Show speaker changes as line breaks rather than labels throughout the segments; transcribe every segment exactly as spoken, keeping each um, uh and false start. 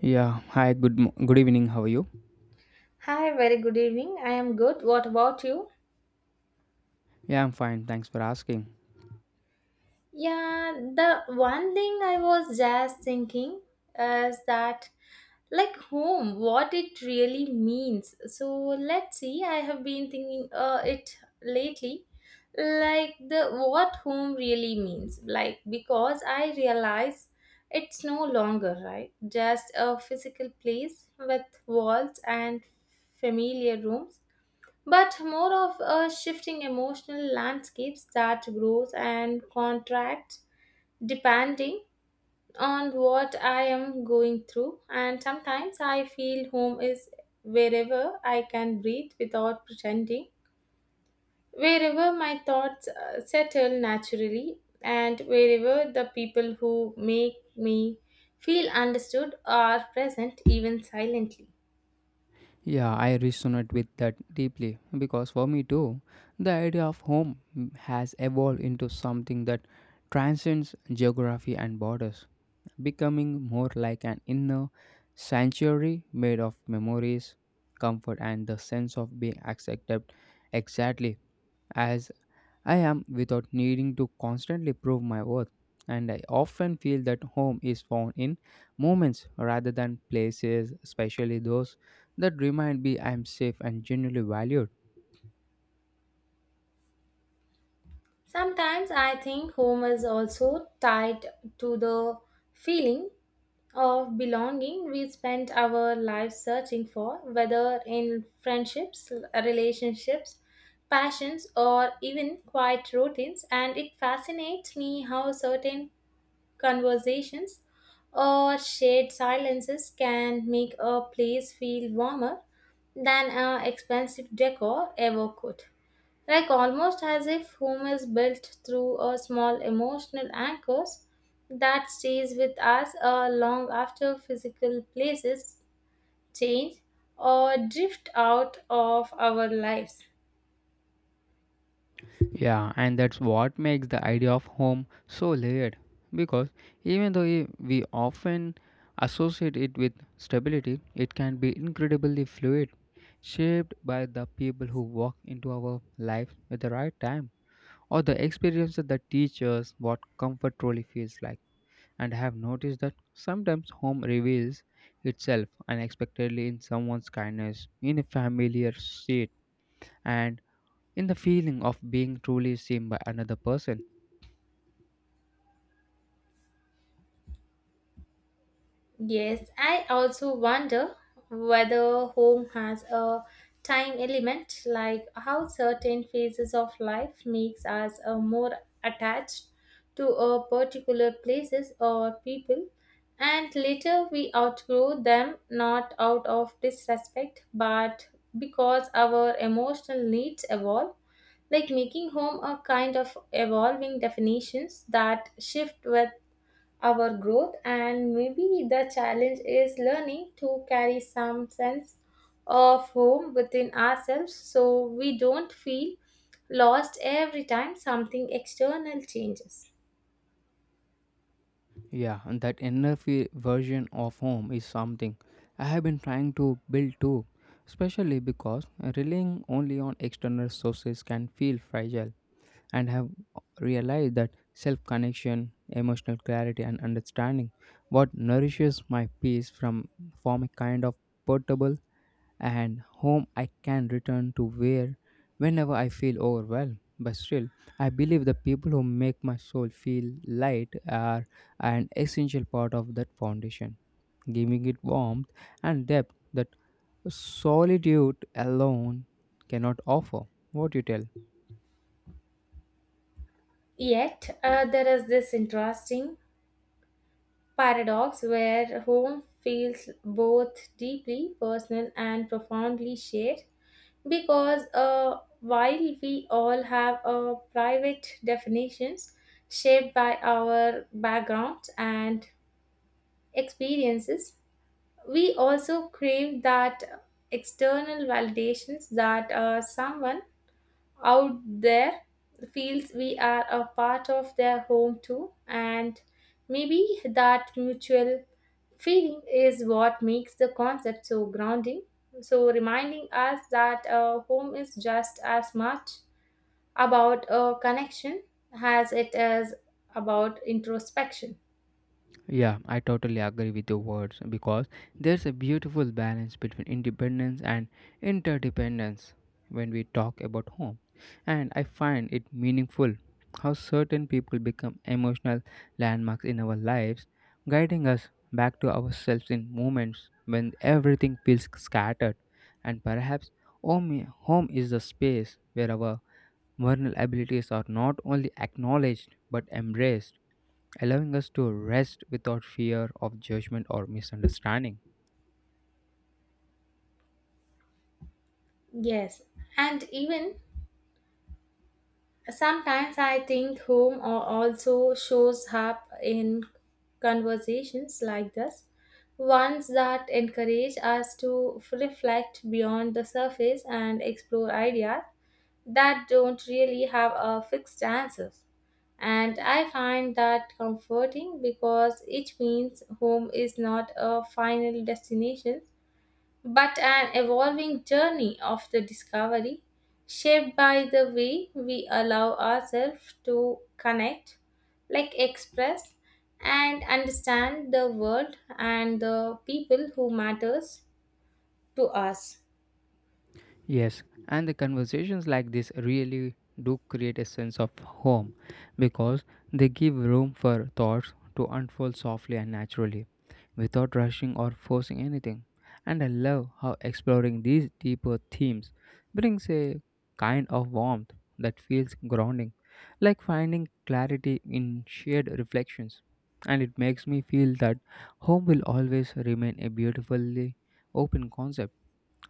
Yeah, hi, good mo- good evening. How are you?
Hi, very good evening. I am good. What about you?
Yeah, I'm fine. Thanks for asking.
Yeah, the one thing I was just thinking is that, like, home, what it really means. So, let's see. I have been thinking uh, it lately, like, the what home really means. Like, because I realize it's no longer, right? Just a physical place with walls and familiar rooms but more of a shifting emotional landscapes that grows and contracts depending on what I am going through. And sometimes I feel home is wherever I can breathe without pretending, wherever my thoughts uh, settle naturally, and wherever the people who make me feel understood are present even silently.
Yeah, I resonate with that deeply because for me too, the idea of home has evolved into something that transcends geography and borders, becoming more like an inner sanctuary made of memories, comfort, and the sense of being accepted exactly as I am without needing to constantly prove my worth, and I often feel that home is found in moments rather than places, especially those that remind me I am safe and genuinely valued.
Sometimes I think home is also tied to the feeling of belonging we spend our lives searching for, whether in friendships, relationships, passions, or even quiet routines. And it fascinates me how certain conversations or shared silences can make a place feel warmer than a expensive decor ever could. Like almost as if home is built through a small emotional anchors that stays with us uh, long after physical places change or drift out of our lives.
Yeah, and that's what makes the idea of home so layered because even though i- we often associate it with stability, it can be incredibly fluid, shaped by the people who walk into our life at the right time, or the experiences that teach us what comfort truly feels like. And I have noticed that sometimes home reveals itself unexpectedly in someone's kindness, in a familiar seat, and in the feeling of being truly seen by another person.
Yes, I also wonder whether home has a time element, like how certain phases of life makes us uh, more attached to a particular places or people, and later we outgrow them not out of disrespect but because our emotional needs evolve, like making home a kind of evolving definitions that shift with our growth. And maybe the challenge is learning to carry some sense of home within ourselves so we don't feel lost every time something external changes.
Yeah, and that inner fe- version of home is something I have been trying to build too, especially because relying only on external sources can feel fragile, and have realized that self connection, emotional clarity, and understanding what nourishes my peace from form a kind of portable and home I can return to where whenever I feel overwhelmed. But still, I believe the people who make my soul feel light are an essential part of that foundation, giving it warmth and depth that solitude alone cannot offer. What you tell?
Yet uh, there is this interesting paradox where home feels both deeply personal and profoundly shared, because uh, while we all have uh, private definitions shaped by our backgrounds and experiences, we also crave that external validations that uh, someone out there feels we are a part of their home too. And maybe that mutual feeling is what makes the concept so grounding, so reminding us that a home is just as much about a connection as it is about introspection.
Yeah, I totally agree with your words because there's a beautiful balance between independence and interdependence when we talk about home. And I find it meaningful how certain people become emotional landmarks in our lives, guiding us back to ourselves in moments when everything feels scattered. And perhaps home, home is the space where our vulnerabilities are not only acknowledged but embraced, allowing us to rest without fear of judgment or misunderstanding.
Yes, and even sometimes I think home al- also shows up in conversations like this, ones that encourage us to reflect beyond the surface and explore ideas that don't really have a fixed answer. And I find that comforting because it means home is not a final destination but an evolving journey of the discovery, shaped by the way we allow ourselves to connect, like express and understand the world and the people who matters to us.
Yes, and the conversations like this really do create a sense of home because they give room for thoughts to unfold softly and naturally without rushing or forcing anything. And I love how exploring these deeper themes brings a kind of warmth that feels grounding, like finding clarity in shared reflections. And it makes me feel that home will always remain a beautifully open concept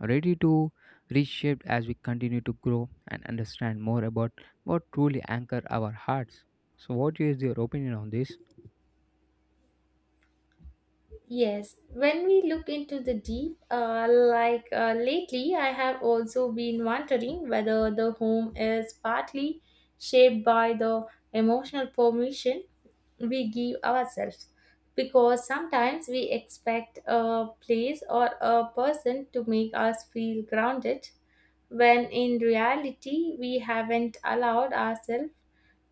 ready to reshape as we continue to grow and understand more about what truly anchor our hearts. So, what is your opinion on this?
Yes, when we look into the deep, uh, like uh, lately, I have also been wondering whether the home is partly shaped by the emotional permission we give ourselves. Because sometimes we expect a place or a person to make us feel grounded, when in reality, we haven't allowed ourselves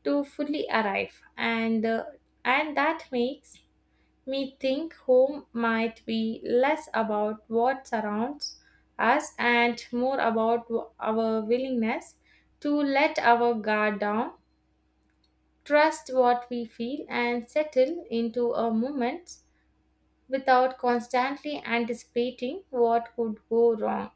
to fully arrive, and, uh, and that makes me think home might be less about what surrounds us and more about w- our willingness to let our guard down, trust what we feel, and settle into a moment without constantly anticipating what could go wrong.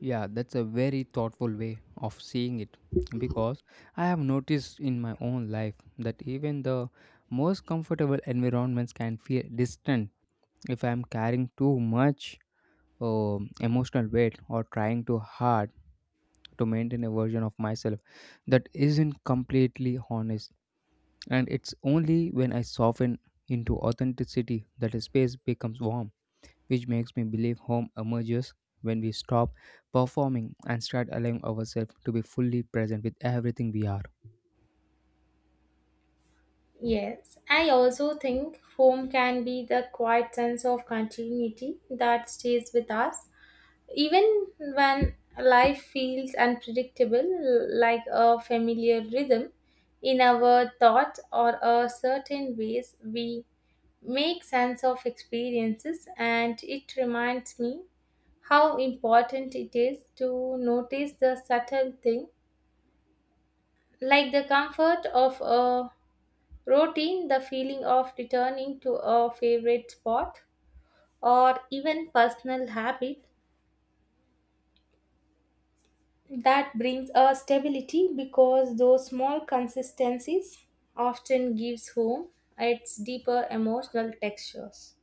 Yeah, that's a very thoughtful way of seeing it because I have noticed in my own life that even the most comfortable environments can feel distant if I am carrying too much um emotional weight or trying too hard to maintain a version of myself that isn't completely honest. And it's only when I soften into authenticity that a space becomes warm, which makes me believe home emerges when we stop performing and start allowing ourselves to be fully present with everything we are.
Yes, I also think home can be the quiet sense of continuity that stays with us even when life feels unpredictable, like a familiar rhythm in our thought or a certain ways we make sense of experiences. And it reminds me how important it is to notice the subtle thing, like the comfort of a routine, the feeling of returning to a favorite spot, or even personal habit that brings a stability, because those small consistencies often gives home its deeper emotional textures.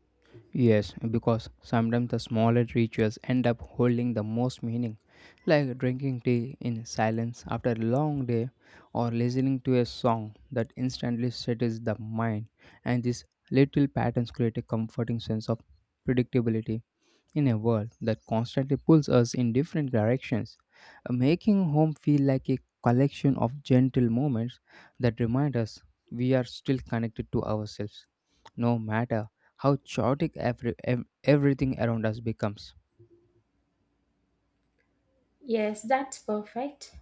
Yes, because sometimes the smaller rituals end up holding the most meaning, like drinking tea in silence after a long day or listening to a song that instantly settles the mind, and these little patterns create a comforting sense of predictability in a world that constantly pulls us in different directions, uh, making home feel like a collection of gentle moments that remind us we are still connected to ourselves, no matter how chaotic every, ev- everything around us becomes.
Yes, that's perfect.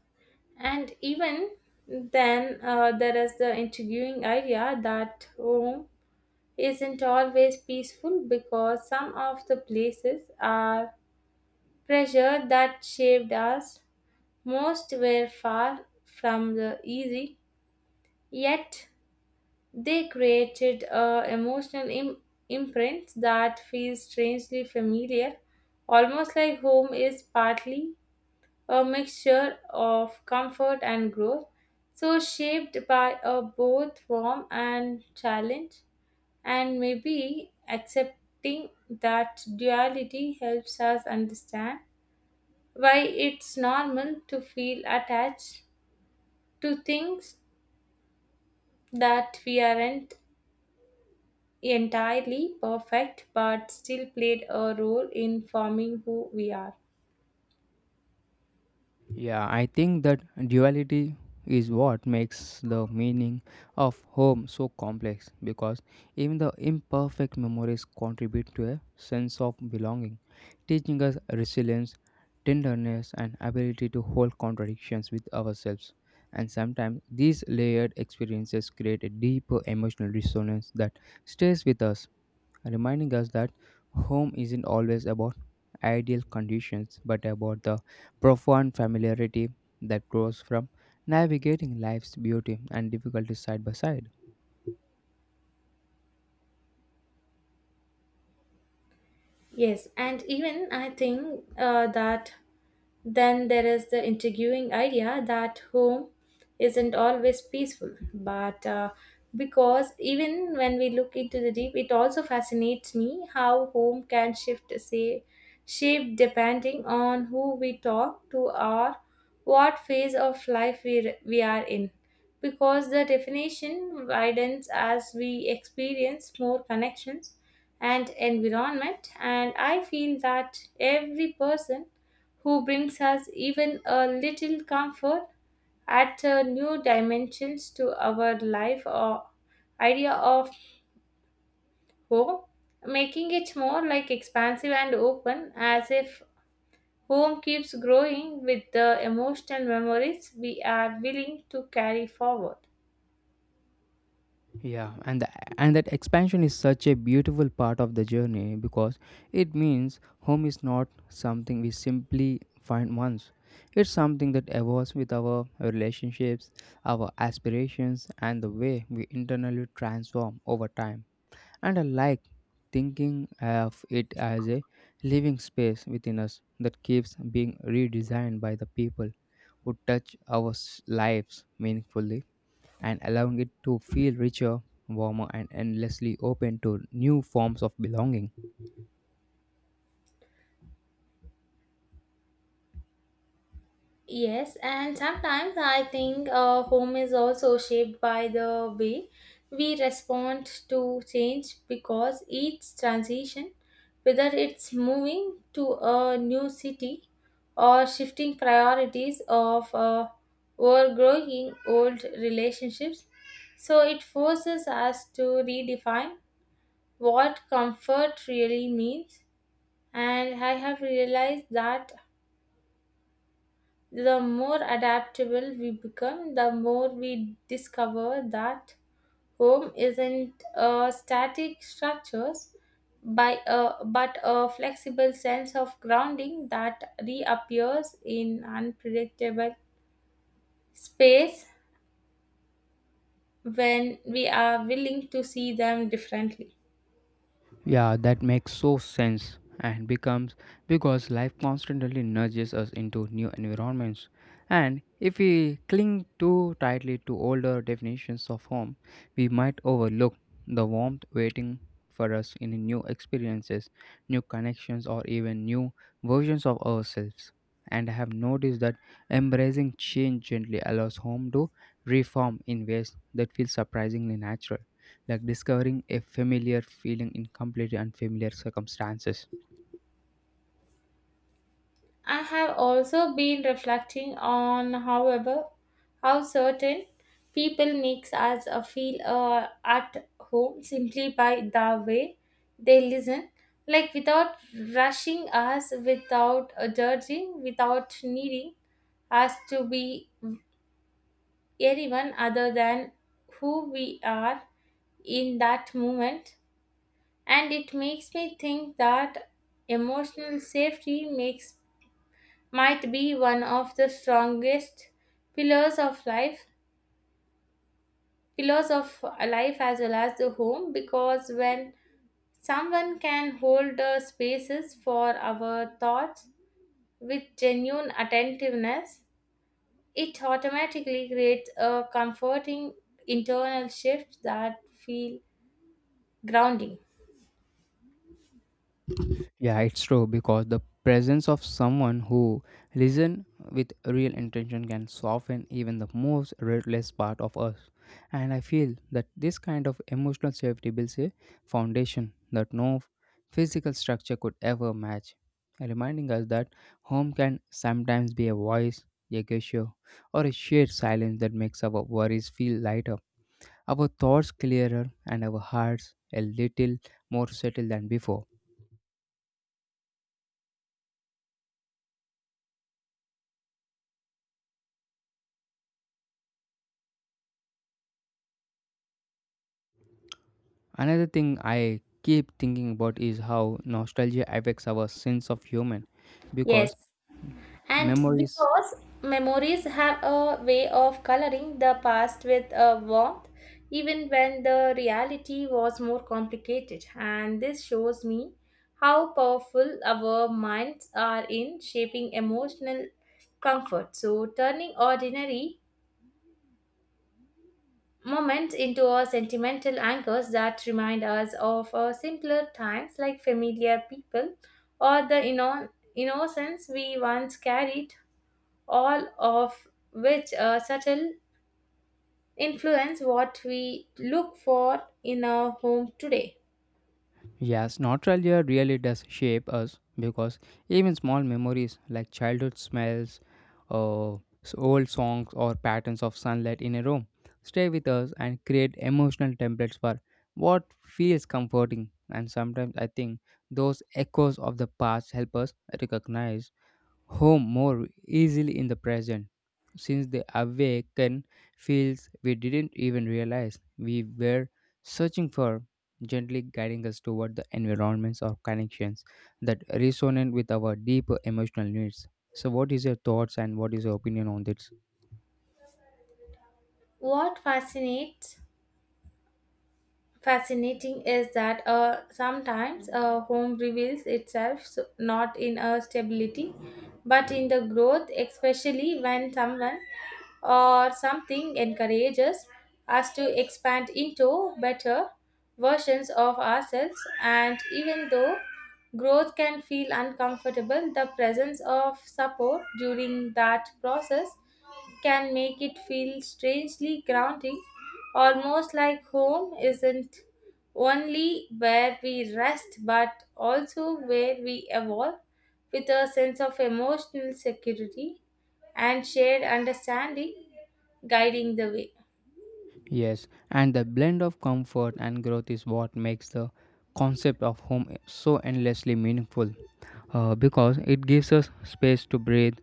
And even then uh, there is the intriguing idea that home isn't always peaceful, because some of the places are pressure that shaped us most were far from the easy, yet they created uh, emotional Im- imprints that feel strangely familiar, almost like home is partly a mixture of comfort and growth, so shaped by a both warm and challenge. And maybe accepting that duality helps us understand why it's normal to feel attached to things that we aren't entirely perfect but still played a role in forming who we are.
Yeah, I think that duality is what makes the meaning of home so complex because even the imperfect memories contribute to a sense of belonging, teaching us resilience, tenderness, and ability to hold contradictions with ourselves. And sometimes these layered experiences create a deeper emotional resonance that stays with us, reminding us that home isn't always about ideal conditions but about the profound familiarity that grows from navigating life's beauty and difficulties side by side.
Yes, and even I think uh, that then there is the intriguing idea that home isn't always peaceful, but uh, because even when we look into the deep, it also fascinates me how home can shift, say, shape depending on who we talk to or what phase of life we, we are in. Because the definition widens as we experience more connections and environment, and I feel that every person who brings us even a little comfort adds a new dimensions to our life or idea of home, making it more like expansive and open, as if home keeps growing with the emotional memories we are willing to carry forward.
Yeah, and the, and that expansion is such a beautiful part of the journey because it means home is not something we simply find once. It's something that evolves with our relationships, our aspirations, and the way we internally transform over time, and I like thinking of it as a living space within us that keeps being redesigned by the people who touch our s- lives meaningfully and allowing it to feel richer, warmer, and endlessly open to new forms of belonging.
Yes, and sometimes I think uh, home is also shaped by the way we respond to change, because each transition, whether it's moving to a new city or shifting priorities of uh, or growing old relationships, so it forces us to redefine what comfort really means. And I have realized that the more adaptable we become, the more we discover that home isn't a static structure by a, but a flexible sense of grounding that reappears in unpredictable space when we are willing to see them differently.
Yeah, that makes so sense and becomes because life constantly nudges us into new environments. And if we cling too tightly to older definitions of home, we might overlook the warmth waiting for us in new experiences, new connections, or even new versions of ourselves. And I have noticed that embracing change gently allows home to reform in ways that feel surprisingly natural, like discovering a familiar feeling in completely unfamiliar circumstances.
I have also been reflecting on, however, how certain people makes us uh, feel uh, at home simply by the way they listen, like without rushing us, without uh, judging, without needing us to be anyone other than who we are in that moment. And it makes me think that emotional safety makes might be one of the strongest pillars of life pillars of life as well as the home, because when someone can hold the spaces for our thoughts with genuine attentiveness, it automatically creates a comforting internal shift that feel grounding.
Yeah, it's true because the presence of someone who listen with real intention can soften even the most ruthless part of us. And I feel that this kind of emotional safety builds a foundation that no physical structure could ever match, reminding us that home can sometimes be a voice, a gesture, or a shared silence that makes our worries feel lighter, our thoughts clearer, and our hearts a little more settled than before. Another thing I keep thinking about is how nostalgia affects our sense of human,
Yes.
because
And
memories,
because memories have a way of coloring the past with a warmth, even when the reality was more complicated. And this shows me how powerful our minds are in shaping emotional comfort. So, turning ordinary moments into a sentimental anchors that remind us of our simpler times, like familiar people or the inno- innocence we once carried, all of which uh, subtle influence what we look for in our home today.
yes, nostalgia really does shape us because even small memories like childhood smells, uh, s- old songs, or patterns of sunlight in a room stay with us and create emotional templates for what feels comforting, and sometimes I think those echoes of the past help us recognize home more easily in the present, since the awaken feels we didn't even realize we were searching for, gently guiding us toward the environments or connections that resonate with our deeper emotional needs. So, what is your thoughts and what is your opinion on this?
What fascinates Fascinating is that uh, sometimes a home reveals itself, so- not in a stability but in the growth, especially when someone or something encourages us to expand into better versions of ourselves. And even though growth can feel uncomfortable, the presence of support during that process can make it feel strangely grounding, almost like home isn't only where we rest but also where we evolve with a sense of emotional security and shared understanding guiding the way.
Yes, and the blend of comfort and growth is what makes the concept of home so endlessly meaningful, uh, because it gives us space to breathe,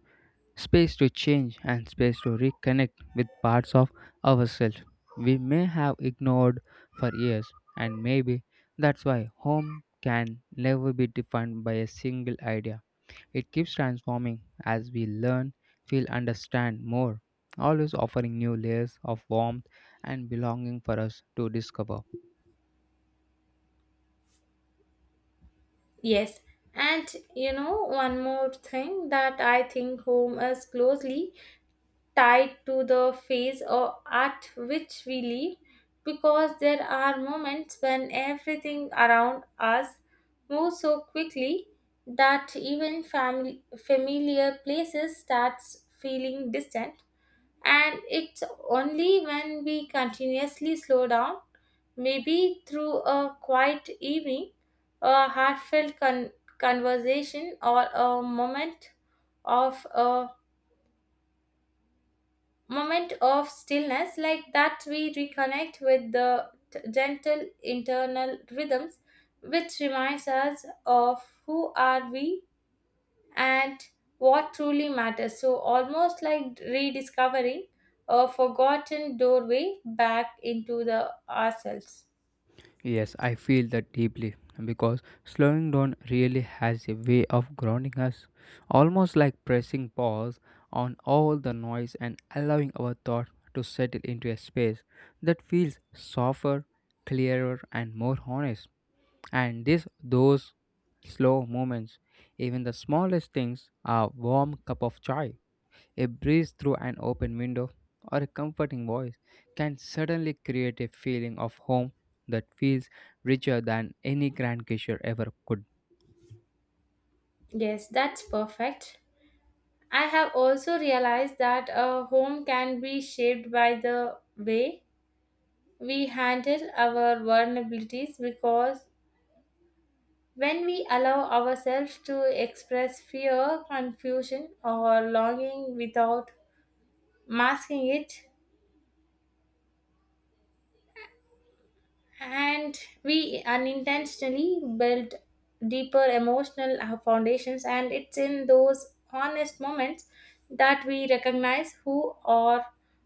space to change, and space to reconnect with parts of ourselves we may have ignored for years, and maybe that's why home can never be defined by a single idea. It keeps transforming as we learn, feel, understand more, always offering new layers of warmth and belonging for us to discover.
Yes, and you know, one more thing that I think, home is closely tied to the phase or at which we live, because there are moments when everything around us moves so quickly that even family, familiar places starts feeling distant. And it's only when we continuously slow down, maybe through a quiet evening, a heartfelt con- conversation or a moment of a moment of stillness like that, we reconnect with the t- gentle internal rhythms which reminds us of who are we and what truly matters, so almost like rediscovering a forgotten doorway back into the ourselves.
Yes, I feel that deeply because slowing down really has a way of grounding us, almost like pressing pause on all the noise and allowing our thought to settle into a space that feels softer, clearer, and more honest. And this, those slow moments, even the smallest things, are warm cup of chai, a breeze through an open window, or a comforting voice, can suddenly create a feeling of home that feels richer than any grand gesture ever could.
Yes, that's perfect. I have also realized that a home can be shaped by the way we handle our vulnerabilities, because when we allow ourselves to express fear, confusion, or longing without masking it, and we unintentionally build deeper emotional uh, foundations. And it's in those honest moments that we recognize who or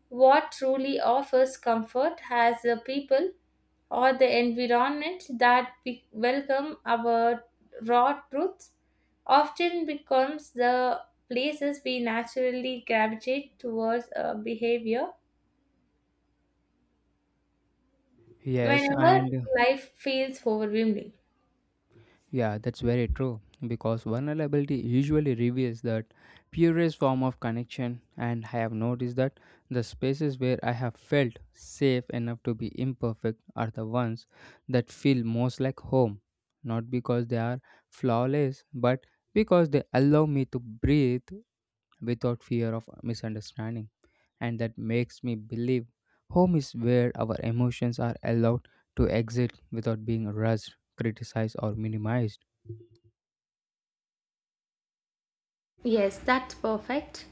what truly offers comfort, as the people or the environment that we welcome our raw truths often becomes the places we naturally gravitate towards a behavior
Yes,
whenever
and
life feels overwhelming.
yeah, that's very true because vulnerability usually reveals that purest form of connection, and I have noticed that the spaces where I have felt safe enough to be imperfect are the ones that feel most like home, not because they are flawless, but because they allow me to breathe without fear of misunderstanding, and that makes me believe home is where our emotions are allowed to exit without being rushed, criticized, or minimized.
Yes, that's perfect.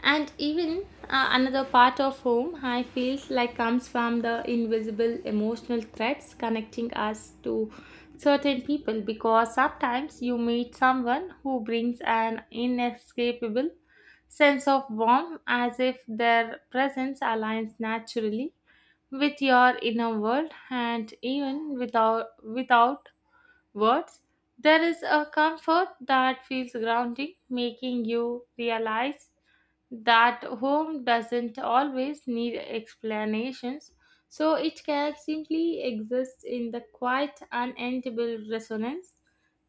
And even uh, another part of home, I feels like, comes from the invisible emotional threads connecting us to certain people, because sometimes you meet someone who brings an inescapable sense of warmth, as if their presence aligns naturally with your inner world, and even without without words. There is a comfort that feels grounding, making you realize that home doesn't always need explanations, so it can simply exist in the quiet, unendable resonance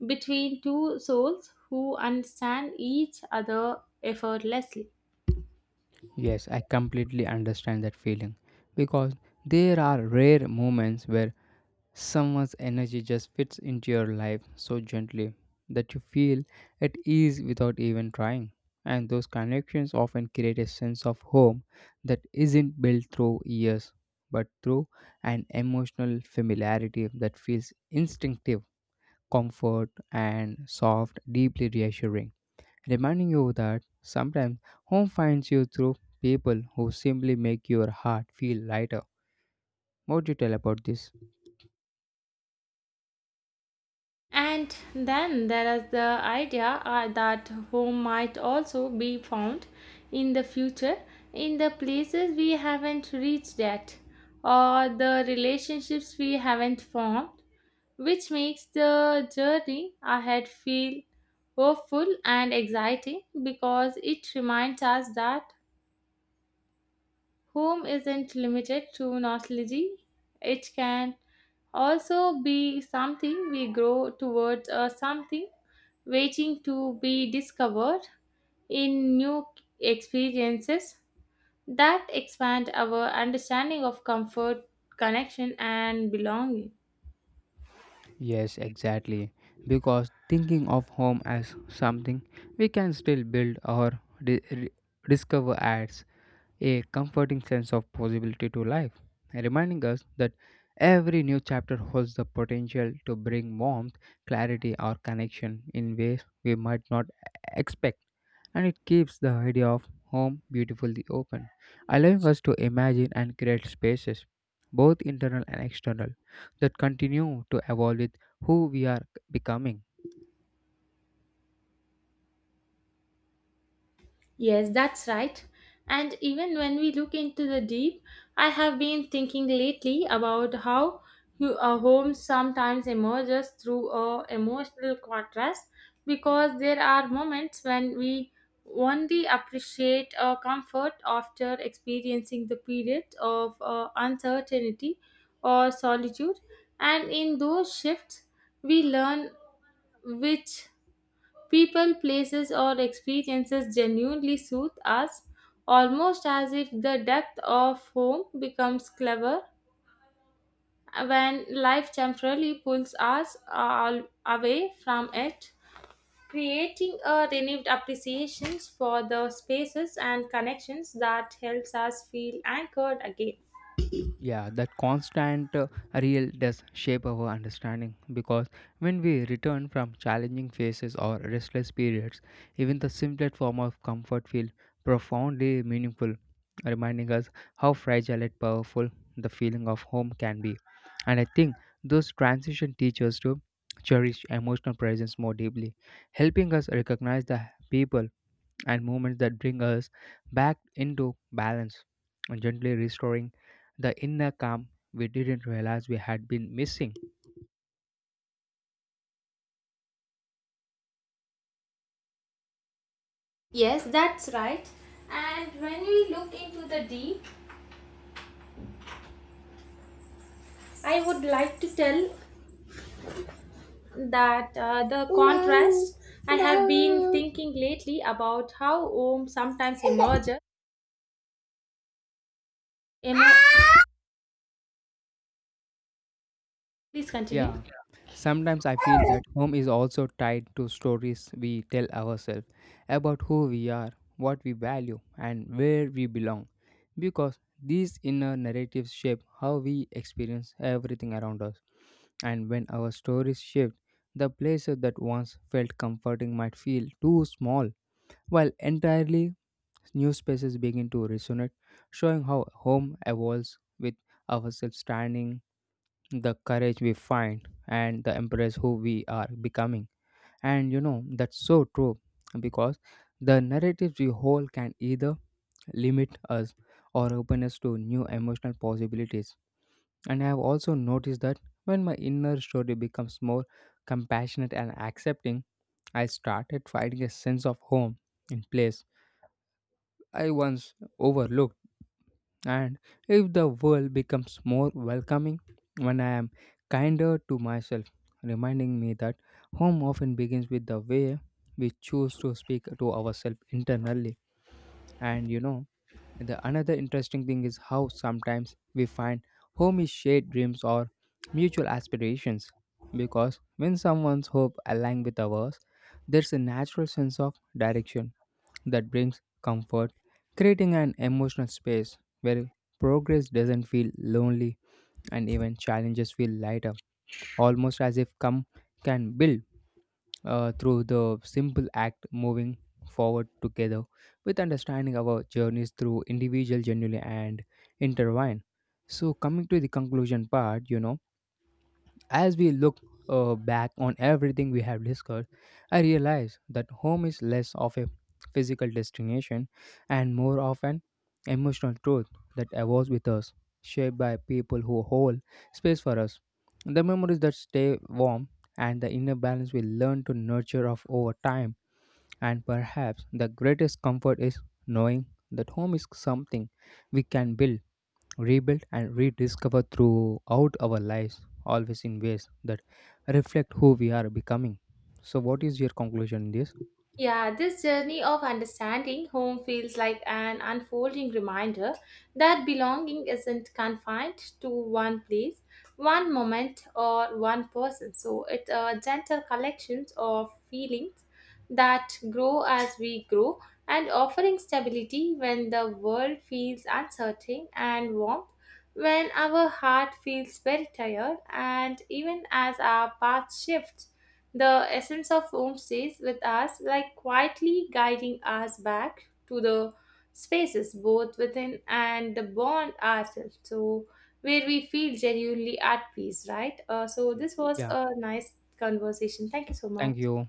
between two souls who understand each other effortlessly.
Yes, I completely understand that feeling because there are rare moments where someone's energy just fits into your life so gently that you feel at ease without even trying. And those connections often create a sense of home that isn't built through years but through an emotional familiarity that feels instinctive, comfort, and soft, deeply reassuring, reminding you that sometimes home finds you through people who simply make your heart feel lighter. What do you tell about this?
And then there is the idea uh, that home might also be found in the future, in the places we haven't reached yet or the relationships we haven't formed, which makes the journey ahead feel hopeful and exciting, because it reminds us that home isn't limited to nostalgia; it can also be something we grow towards or something waiting to be discovered in new experiences that expand our understanding of comfort, connection, and belonging.
Yes, exactly. Because thinking of home as something we can still build or di- re- discover adds a comforting sense of possibility to life, reminding us that every new chapter holds the potential to bring warmth, clarity, or connection in ways we might not expect. And it keeps the idea of home beautifully open, allowing us to imagine and create spaces, both internal and external, that continue to evolve with who we are becoming.
Yes, that's right. And even when we look into the deep, I have been thinking lately about how hu- a home sometimes emerges through a emotional contrast, because there are moments when we only appreciate our comfort after experiencing the period of uh, uncertainty or solitude, and in those shifts we learn which people, places, or experiences genuinely soothe us, almost as if the depth of home becomes clever when life temporarily pulls us all away from it, creating a renewed appreciation for the spaces and connections that helps us feel anchored again.
Yeah, that constant uh, real does shape our understanding because when we return from challenging phases or restless periods, even the simplest form of comfort feel profoundly meaningful, reminding us how fragile and powerful the feeling of home can be. And I think those transition teach us to cherish emotional presence more deeply, helping us recognize the people and movements that bring us back into balance and gently restoring the inner calm we didn't realize we had been missing.
Yes, that's right. And when we look into the deep, I would like to tell that uh, the contrast, I have been thinking lately about how home sometimes emerges emo- please continue.
Yeah, sometimes I feel that home is also tied to stories we tell ourselves about who we are, what we value, and where we belong, because these inner narratives shape how we experience everything around us. And when our stories shift, the places that once felt comforting might feel too small while entirely new spaces begin to resonate, showing how home evolves with ourselves standing, the courage we find, and the embrace who we are becoming. And you know, that's so true because the narratives we hold can either limit us or open us to new emotional possibilities. And I have also noticed that when my inner story becomes more compassionate and accepting, I started finding a sense of home in place I once overlooked. And if the world becomes more welcoming when I am kinder to myself, reminding me that home often begins with the way we choose to speak to ourselves internally. And you know, the another interesting thing is how sometimes we find home is shared dreams or mutual aspirations. Because when someone's hope aligns with ours, there's a natural sense of direction that brings comfort, creating an emotional space where progress doesn't feel lonely and even challenges feel lighter, almost as if come can build uh, through the simple act moving forward together, with understanding our journeys through individual genuinely and intertwined. So, coming to the conclusion part, you know, as we look uh, back on everything we have discussed, I realize that home is less of a physical destination and more of an emotional truth that evolves with us, shaped by people who hold space for us. The memories that stay warm and the inner balance we learn to nurture of over time, and perhaps the greatest comfort is knowing that home is something we can build, rebuilt, and rediscovered throughout our lives, always in ways that reflect who we are becoming. So, what is your conclusion in this?
Yeah, this journey of understanding home feels like an unfolding reminder that belonging isn't confined to one place, one moment, or one person. So it's a gentle collection of feelings that grow as we grow, and offering stability when the world feels uncertain and warmth when our heart feels very tired. And even as our path shifts, the essence of home stays with us, like quietly guiding us back to the spaces both within and the bond ourselves, so where we feel genuinely at peace, right? Uh, so, this was
Yeah,
a nice conversation. Thank you so much.
thank you.